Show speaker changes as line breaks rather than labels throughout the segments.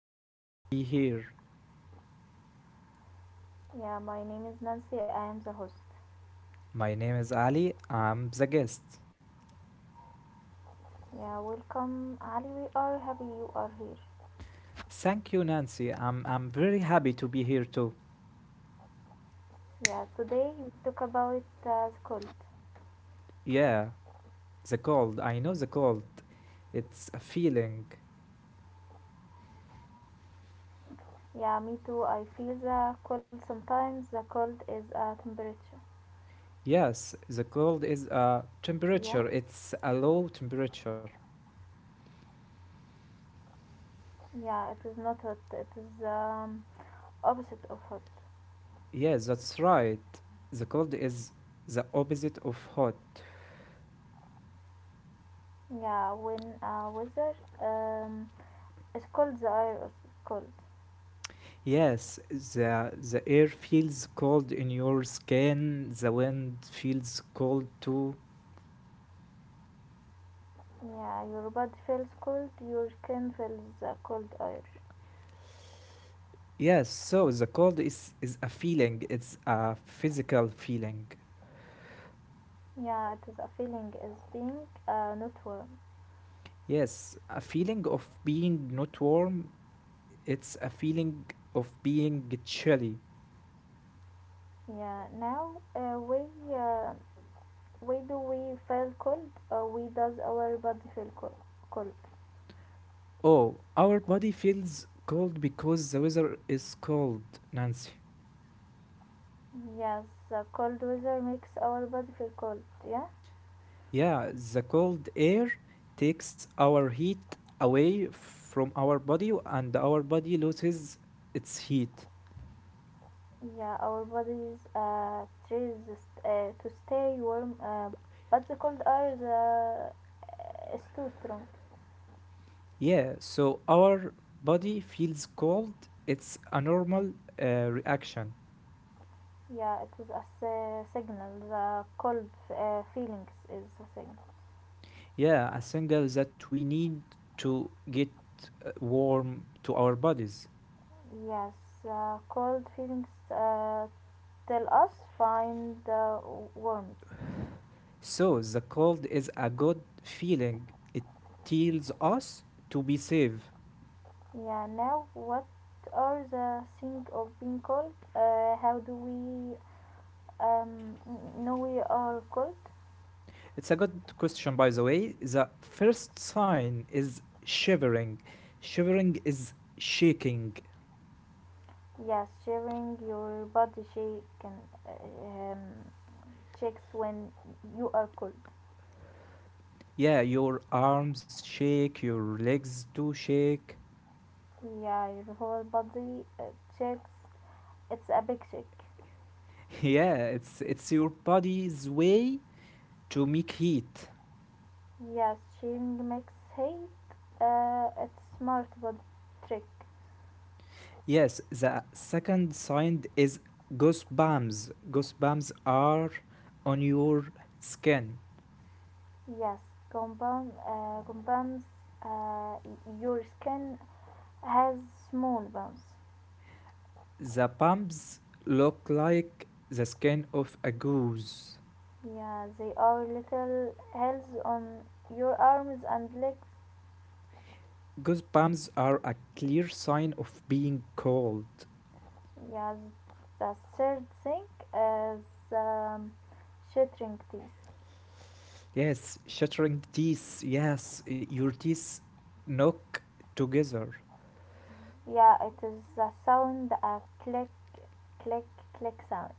it's good to be here.
Yeah, my name is Nancy. I am the host.
My name is Ali. I'm the guest.
Yeah, welcome, Ali. We are happy you are here.
Thank you, Nancy. I'm very happy to be here too.
Yeah, today we talk about the cold.
Yeah, the cold. I know the cold. It's a feeling.
Yeah, me too. I feel the cold sometimes. The cold is a temperature.
Yes, the cold is a
Yeah,
temperature. It's a low temperature.
yeah, it is not hot. It is opposite of hot.
Yes, that's right. The cold is the opposite of hot.
Yeah, when weather um, is cold, the air is cold.
Yes, the air feels cold in your skin. The wind feels cold too.
Yeah, your body feels cold. Your skin feels the cold air.
Yes, so the cold is a feeling, it's a physical feeling.
Yeah, it is a feeling is being not warm.
Yes, a feeling of being not warm, it's a feeling of being chilly.
Yeah, now uh, we do we feel cold. We does our body feel cold. Cold.
Oh, our body feels cold because the weather is cold, Nancy.
Yes, the cold weather makes our body feel cold. Yeah,
Yeah, the cold air takes our heat away from our body and our body loses its heat.
yeah, our bodies tries to stay warm, but the cold air is too strong.
Yeah, so our body feels cold. It's a normal reaction.
Yeah, it is a signal. The cold feelings is a signal.
Yeah, a signal that we need to get warm to our bodies.
Yes, cold feelings tell us find the warmth.
So the cold is a good feeling. It tells us to be safe.
Yeah, now what are the things of being cold? How do we um, know we are cold?
It's a good question, by the way. The first sign is shivering. Shivering is shaking.
Yes, sharing your body shake and checks when you are cold.
Yeah, your arms shake, your legs do shake.
Yeah, your whole body checks. It's a big check.
Yeah, it's your body's way to make heat.
Yes, sharing makes hate. It's smart but trick.
Yes, the second sign is goosebumps. Goosebumps are on your skin.
Yes, compound compounds. Uh, your skin has small bones.
The bumps look like the skin of a goose.
Yeah, they are little hills on your arms and legs.
Goosebumps are a clear sign of being cold.
Yeah, the third thing is um, shattering teeth.
Yes, shattering teeth. Yes, your teeth knock together.
Yeah, it is the sound a click, click, click sound.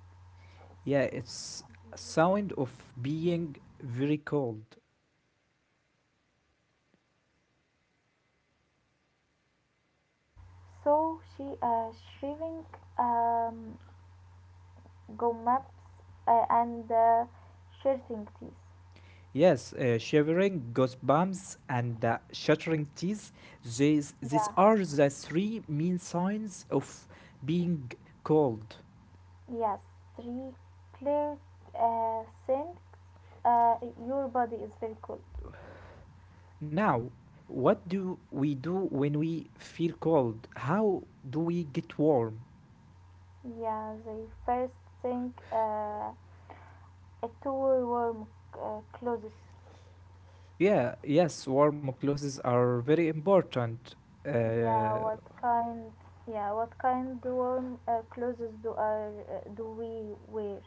Yeah, it's a sound of being very cold.
So she shaving um, gum maps and shattering teeth.
Yes, shivering, goosebumps, and shattering teeth. These
Yeah.
are the three main signs of being cold.
Yes, three clear think uh, your body is very cool.
Now, what do we do when we feel cold? How do we get warm?
Yeah, the first thing, a tour warm clothes.
Yeah, yes, warm clothes are very important.
Yeah,
Uh,
what kind? Yeah, what kind warm clothes do are do we wear?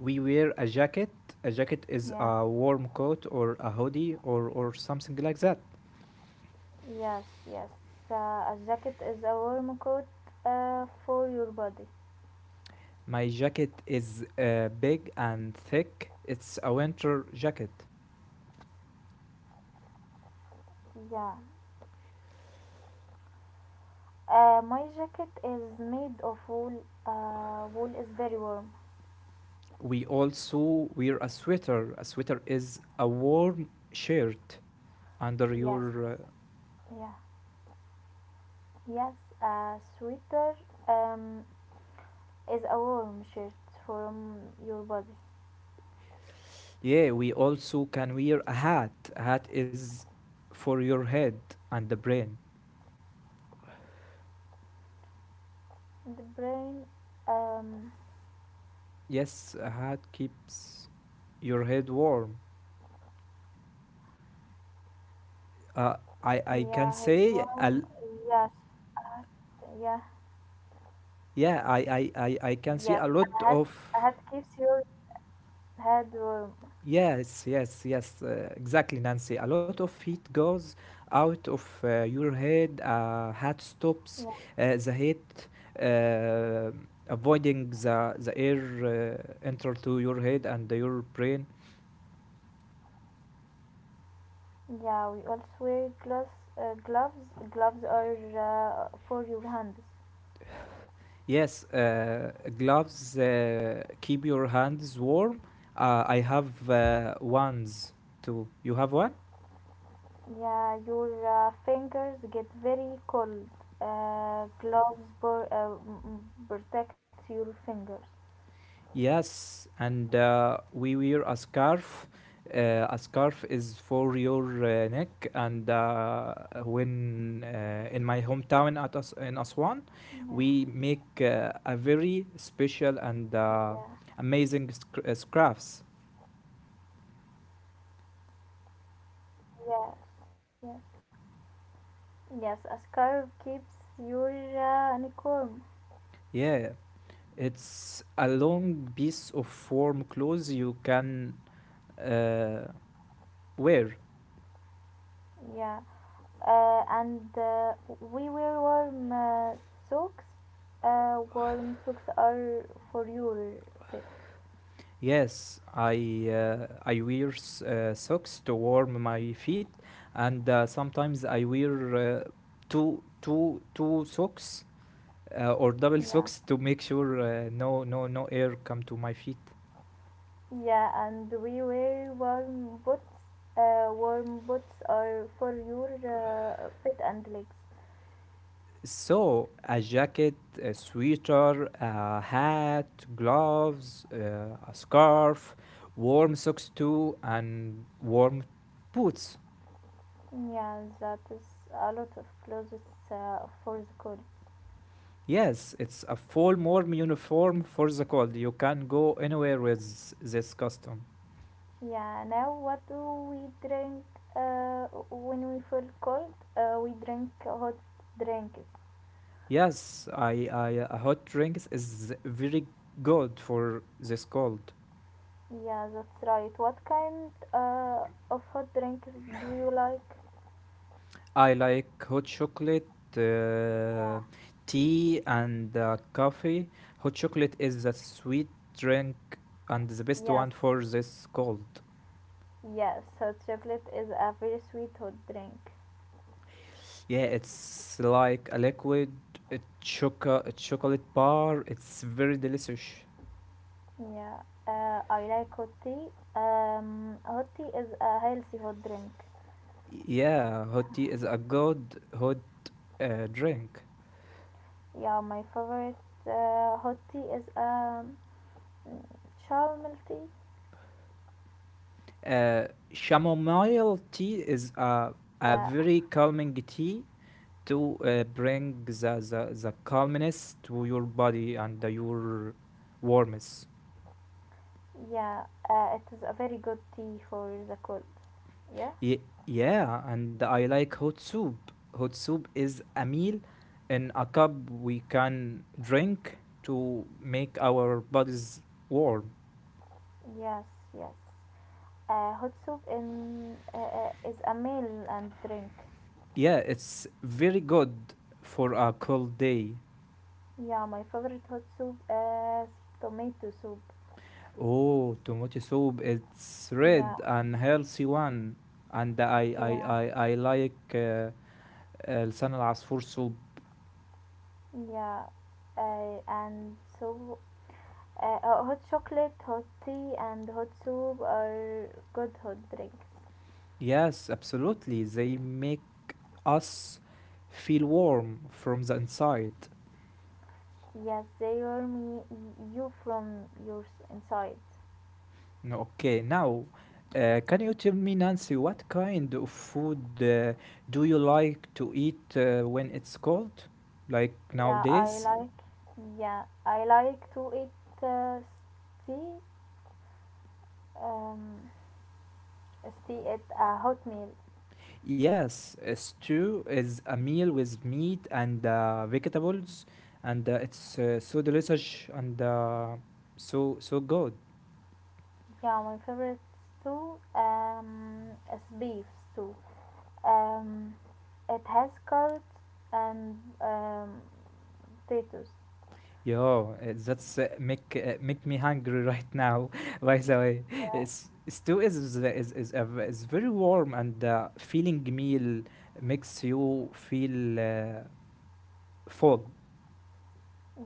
we wear a jacket. A jacket is
Yeah,
a warm coat or a hoodie or something like that.
yes, yes. A jacket is a warm coat for your body.
My jacket is big and thick. It's a winter jacket.
Yeah. My jacket is made of wool. Wool is very warm.
We also wear a sweater. A sweater is a warm shirt under
Yes.
your.
Yeah, yes, a sweater um, is a warm shirt from your body.
Yeah, we also can wear a hat. A hat is for your head and the brain.
The brain, um,
Yes, a hat keeps your head warm. Uh, I can
yeah, head
say
warm, yes, a hat, yeah,
Yeah, I can see
yes,
a lot
a hat,
of
a hat keeps your head warm.
yes, yes, yes, exactly, Nancy. A lot of heat goes out of your head. Heart stops
Yeah,
the heat, uh, avoiding the air enter to your head and your brain.
yeah, we also wear gloves, gloves are for your hands.
Yes, gloves keep your hands warm. I have ones too. You have one?
Yeah, your fingers get very cold. Gloves protect your fingers.
Yes, and we wear a scarf. A scarf is for your neck, and when in my hometown at in Aswan,
Yeah.
we make a very special and uh,
Yeah,
amazing sc- uh, scarves.
yes, yes, yes. A scarf keeps your neck warm.
Yeah, it's a long piece of warm clothes you can uh, wear.
Yeah, and we wear warm socks. Warm socks are for your feet.
Yes, I wear socks to warm my feet, and sometimes I wear two socks or double
Yeah,
socks to make sure no air come to my feet.
yeah, and we wear warm boots. Warm boots are for your feet and legs.
So a jacket, a sweater, a hat, gloves, a scarf, warm socks too, and warm boots.
Yeah, that is a lot of clothes for the cold.
Yes, it's a full warm uniform for the cold. You can go anywhere with this costume.
Yeah, now what do we drink when we feel cold? We drink hot drinks.
Yes, I a hot drinks is very good for this cold.
Yeah, that's right. What kind of hot drinks do you like?
I like hot chocolate, uh,
Yeah.
tea, and coffee. Hot chocolate is a sweet drink and the best
Yes,
one for this cold.
yes, hot chocolate is a very sweet hot drink.
Yeah, it's like a liquid a choco a chocolate bar. It's very delicious.
Yeah, I like hot tea. Hot tea is a healthy hot drink.
Yeah, hot tea is a good hot drink.
Yeah, my favorite hot tea is chamomile tea.
Uh, chamomile tea is a
Yeah,
very calming tea to bring the calmness to your body and your warmth.
yeah, it is a very good tea for the cold. Yeah,
Yeah, and I like hot soup. Hot soup is a meal in a cup we can drink to make our bodies warm.
yes, yes. Hot soup in is a meal and drink.
Yeah, it's very good for a cold day.
Yeah, my favorite hot soup is tomato soup.
Oh, tomato soup. It's
Yeah,
red and healthy one. And
yeah,
I like لسان العصفور soup.
yeah. And so, hot chocolate, hot tea, and hot soup are good hot drinks.
Yes, absolutely. They make us feel warm from the inside.
Yes, they warm you from your inside.
No, okay. Now, can you tell me, Nancy, what kind of food do you like to eat when it's cold, like
Yeah,
nowadays?
I like to eat steak um steak at a hot meal.
Yes, a stew is a meal with meat and vegetables, and it's so delicious and so good.
Yeah, my favorite stew is beef stew. Um, it has carrots and um potatoes.
Yo, that's make me hungry right now. By the way,
Yeah,
stew is very warm and feeling meal makes you feel full.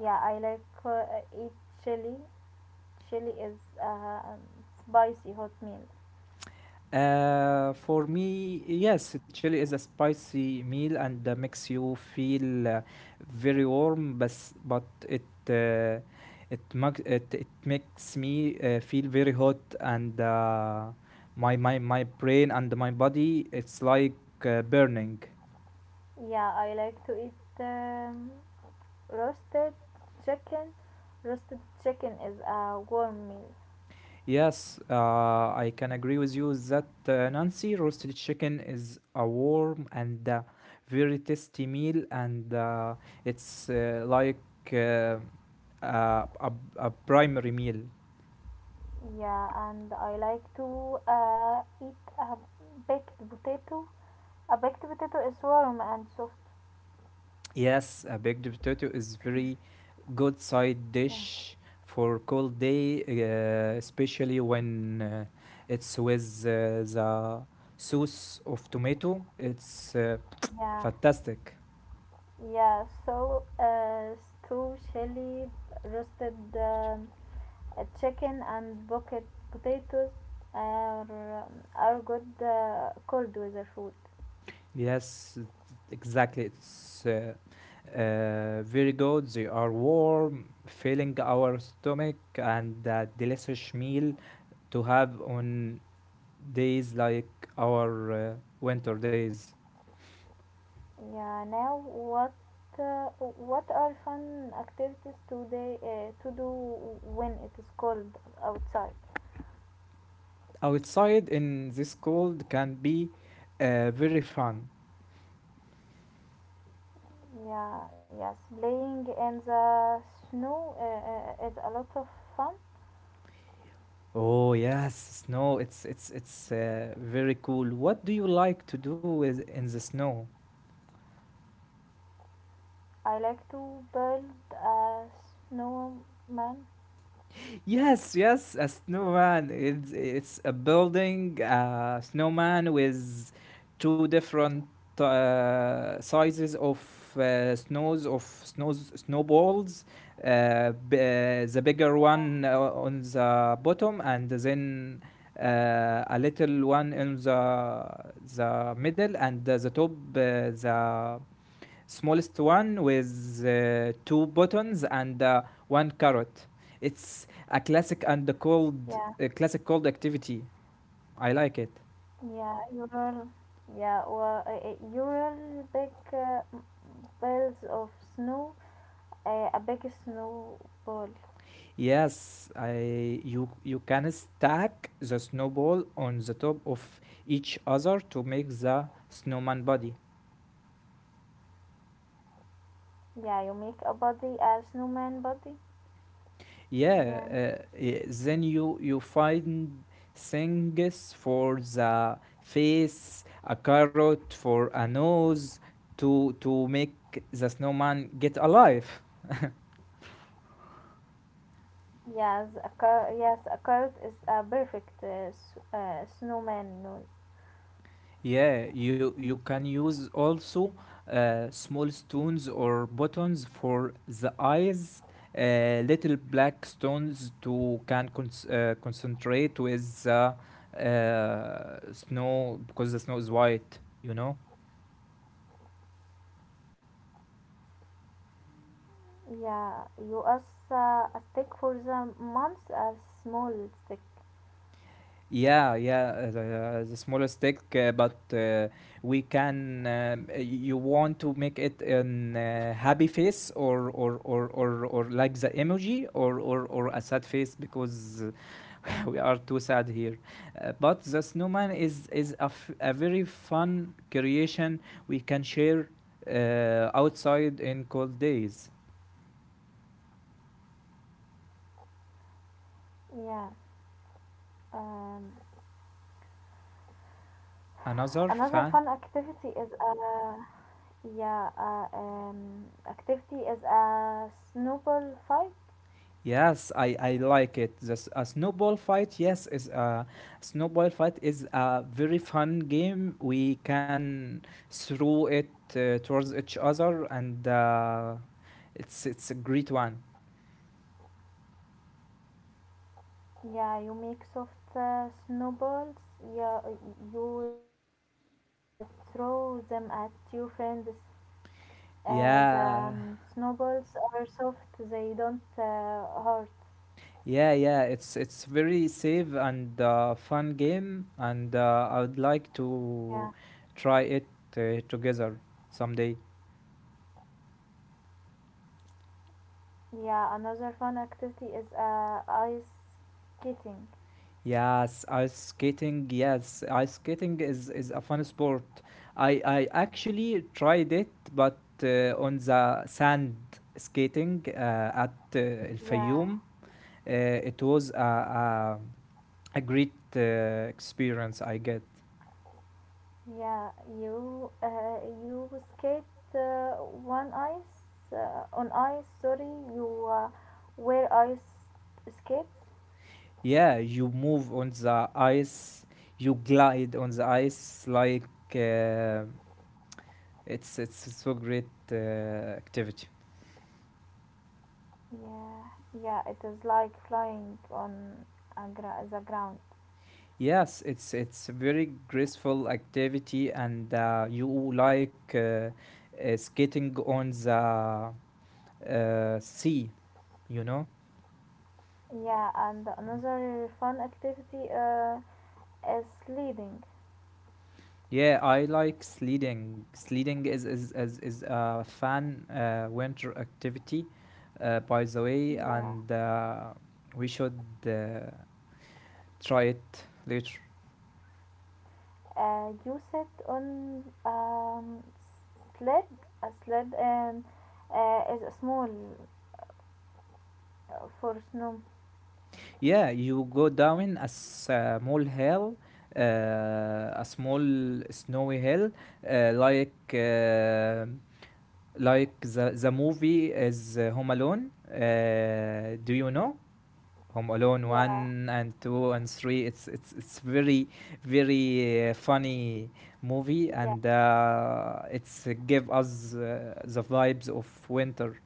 yeah, I like eat chili. Chili is a spicy hot meal.
For me, yes, chili is a spicy meal and makes you feel very warm, but it it, mag- it makes me feel very hot and my brain and my body it's like burning.
Yeah, I like to eat um, roasted chicken. Roasted chicken is a warm meal.
Yes, I can agree with you that Nancy, roasted chicken is a warm and very tasty meal and it's like. Uh, uh, a, a primary meal.
Yeah and I like to eat a baked potato. A baked potato is warm and soft.
Yes, a baked potato is very good side
yeah
dish for cold day, especially when it's with the sauce of tomato. It's
yeah
fantastic.
yeah so uh, stew, chili, roasted chicken, and bucket potatoes are, are good cold weather food.
Yes, exactly. It's very good. They are warm, filling our stomach, and a delicious meal to have on days like our winter days.
Yeah, now uh, what are fun activities to day to do when it is cold outside?
Outside in this cold can be very fun.
Yeah, playing in the snow is a lot of fun.
Oh yes, snow, it's very cool. What do you like to do with in the snow?
I like to build a snowman.
Yes, yes, a snowman. It's a building, a snowman with two different sizes of snows of snows snowballs. The bigger one on the bottom, and then a little one in the middle, and the top the smallest one with two buttons and one carrot. It's a classic
Yeah,
a classic cold activity. I like it.
yeah, you'll you'll big balls of snow, a big snow ball.
Yes, I you can stack the snowball on the top of each other to make the snowman body.
Yeah, you make a body, a snowman body.
Yeah,
Then,
then you find things for the face, a carrot for a nose to make the snowman get alive.
yes, yes, a carrot is a perfect snowman nose.
Yeah, you can use also small stones or buttons for the eyes, little black stones to can cons concentrate with the snow because the snow is white, you know.
Yeah, you use a stick for the months, a small stick.
Yeah, yeah, the smaller stick, but we can. You want to make it an happy face or like the emoji or a sad face because we are too sad here. But the snowman is a very fun creation we can share outside in cold days.
Yeah. Um,
Another
another
fan
fun activity is a yeah activity is a snowball fight.
Yes, I like it. This a snowball fight, yes, is a snowball fight is a very fun game. We can throw it towards each other, and it's a great one.
Yeah, you make soft snowballs. Yeah, you will uh, throw them at your friends. As
Yeah,
snowballs are soft, they don't hurt.
yeah. It's very safe and fun game, and I would like
Yeah.
to try it together someday.
Yeah, another fun activity is ice skating.
Yes, ice skating. Yes, ice skating is a fun sport. I actually tried it, but on the sand skating at El
Yeah,
Fayoum, it was a great experience I get.
yeah, you you skate uh, one ice on ice, sorry, you wear ice skates.
Yeah, you move on the ice, you glide on the ice like uh, it's so great activity.
Yeah, yeah, it is like flying on the ground.
Yes, it's a very graceful activity, and you like skating on the sea. You know,
Yeah, and another fun activity is sledding.
yeah, I like sledding. Is a fun winter activity, by the way,
Yeah,
and we should try it later.
you sit on sled. A sled and is a small for snow.
Yeah, you go down a small hill, a small snowy hill, uh, like uh, like the movie is Home Alone. Do you know Home Alone
Yeah,
one and two and three? It's very very funny movie,
yeah,
and it's give us the vibes of winter.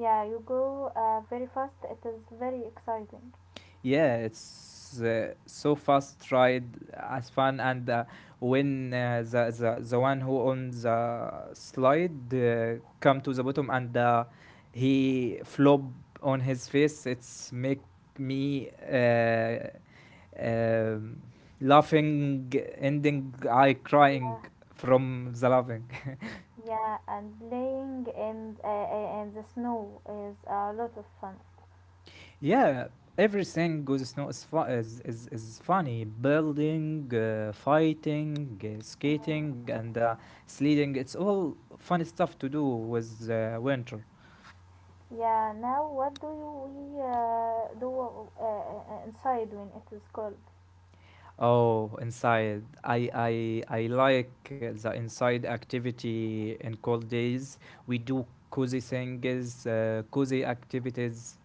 yeah. You go very fast. It is very exciting.
Yeah, it's so fast ride as fun and when the one who on the slide come to the bottom and he flop on his face, it's make me um, laughing, ending I
Yeah,
crying from the laughing.
yeah. And playing in the snow is a lot of fun.
Yeah, everything Goose Snow is, is funny. Building, fighting,
Mm.
skating, and sledding. It's all funny stuff to do with winter.
Yeah. Now, what do you we do inside when it is cold?
Oh, inside. I like the inside activity in cold days. We do cozy things, cozy activities.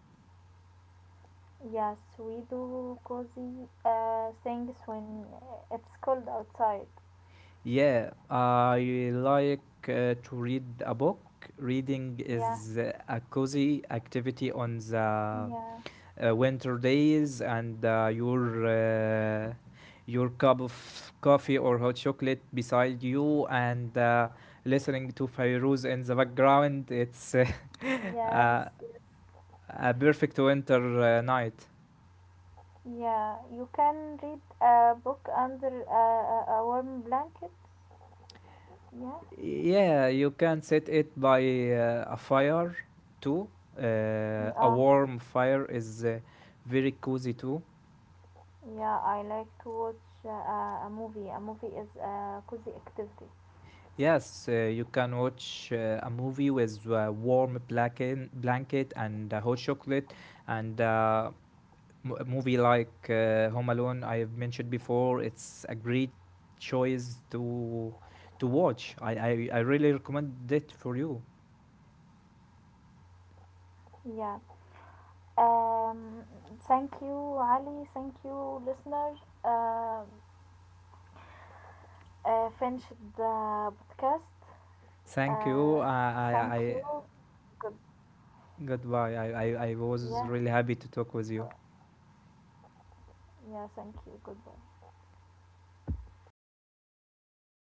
Yes, we do cozy things when it's cold outside.
Yeah, I like to read a book. Reading
Yeah,
is a cozy activity on the
yeah,
winter days, and your cup of coffee or hot chocolate beside you, and listening to Fairuz in the background. It's
yes,
a,
yes.
a perfect winter night.
Yeah, you can read a book under a warm blanket. Yeah,
Yeah, you can set it by a fire too. A
yeah,
warm fire is very cozy too.
yeah. I like to watch a movie. A movie is a cozy activity.
Yes, you can watch a movie with a warm blanket, blanket and a hot chocolate and a movie like Home Alone I have mentioned before. It's a great choice to watch. I really recommend it for you.
Yeah. Um, thank you, Ali. Thank you, listener. Uh, finished the podcast.
Thank you.
Uh, thank you. Good.
Goodbye. I was
Yeah.
really happy to talk with you.
go- Yeah. Thank you. Goodbye.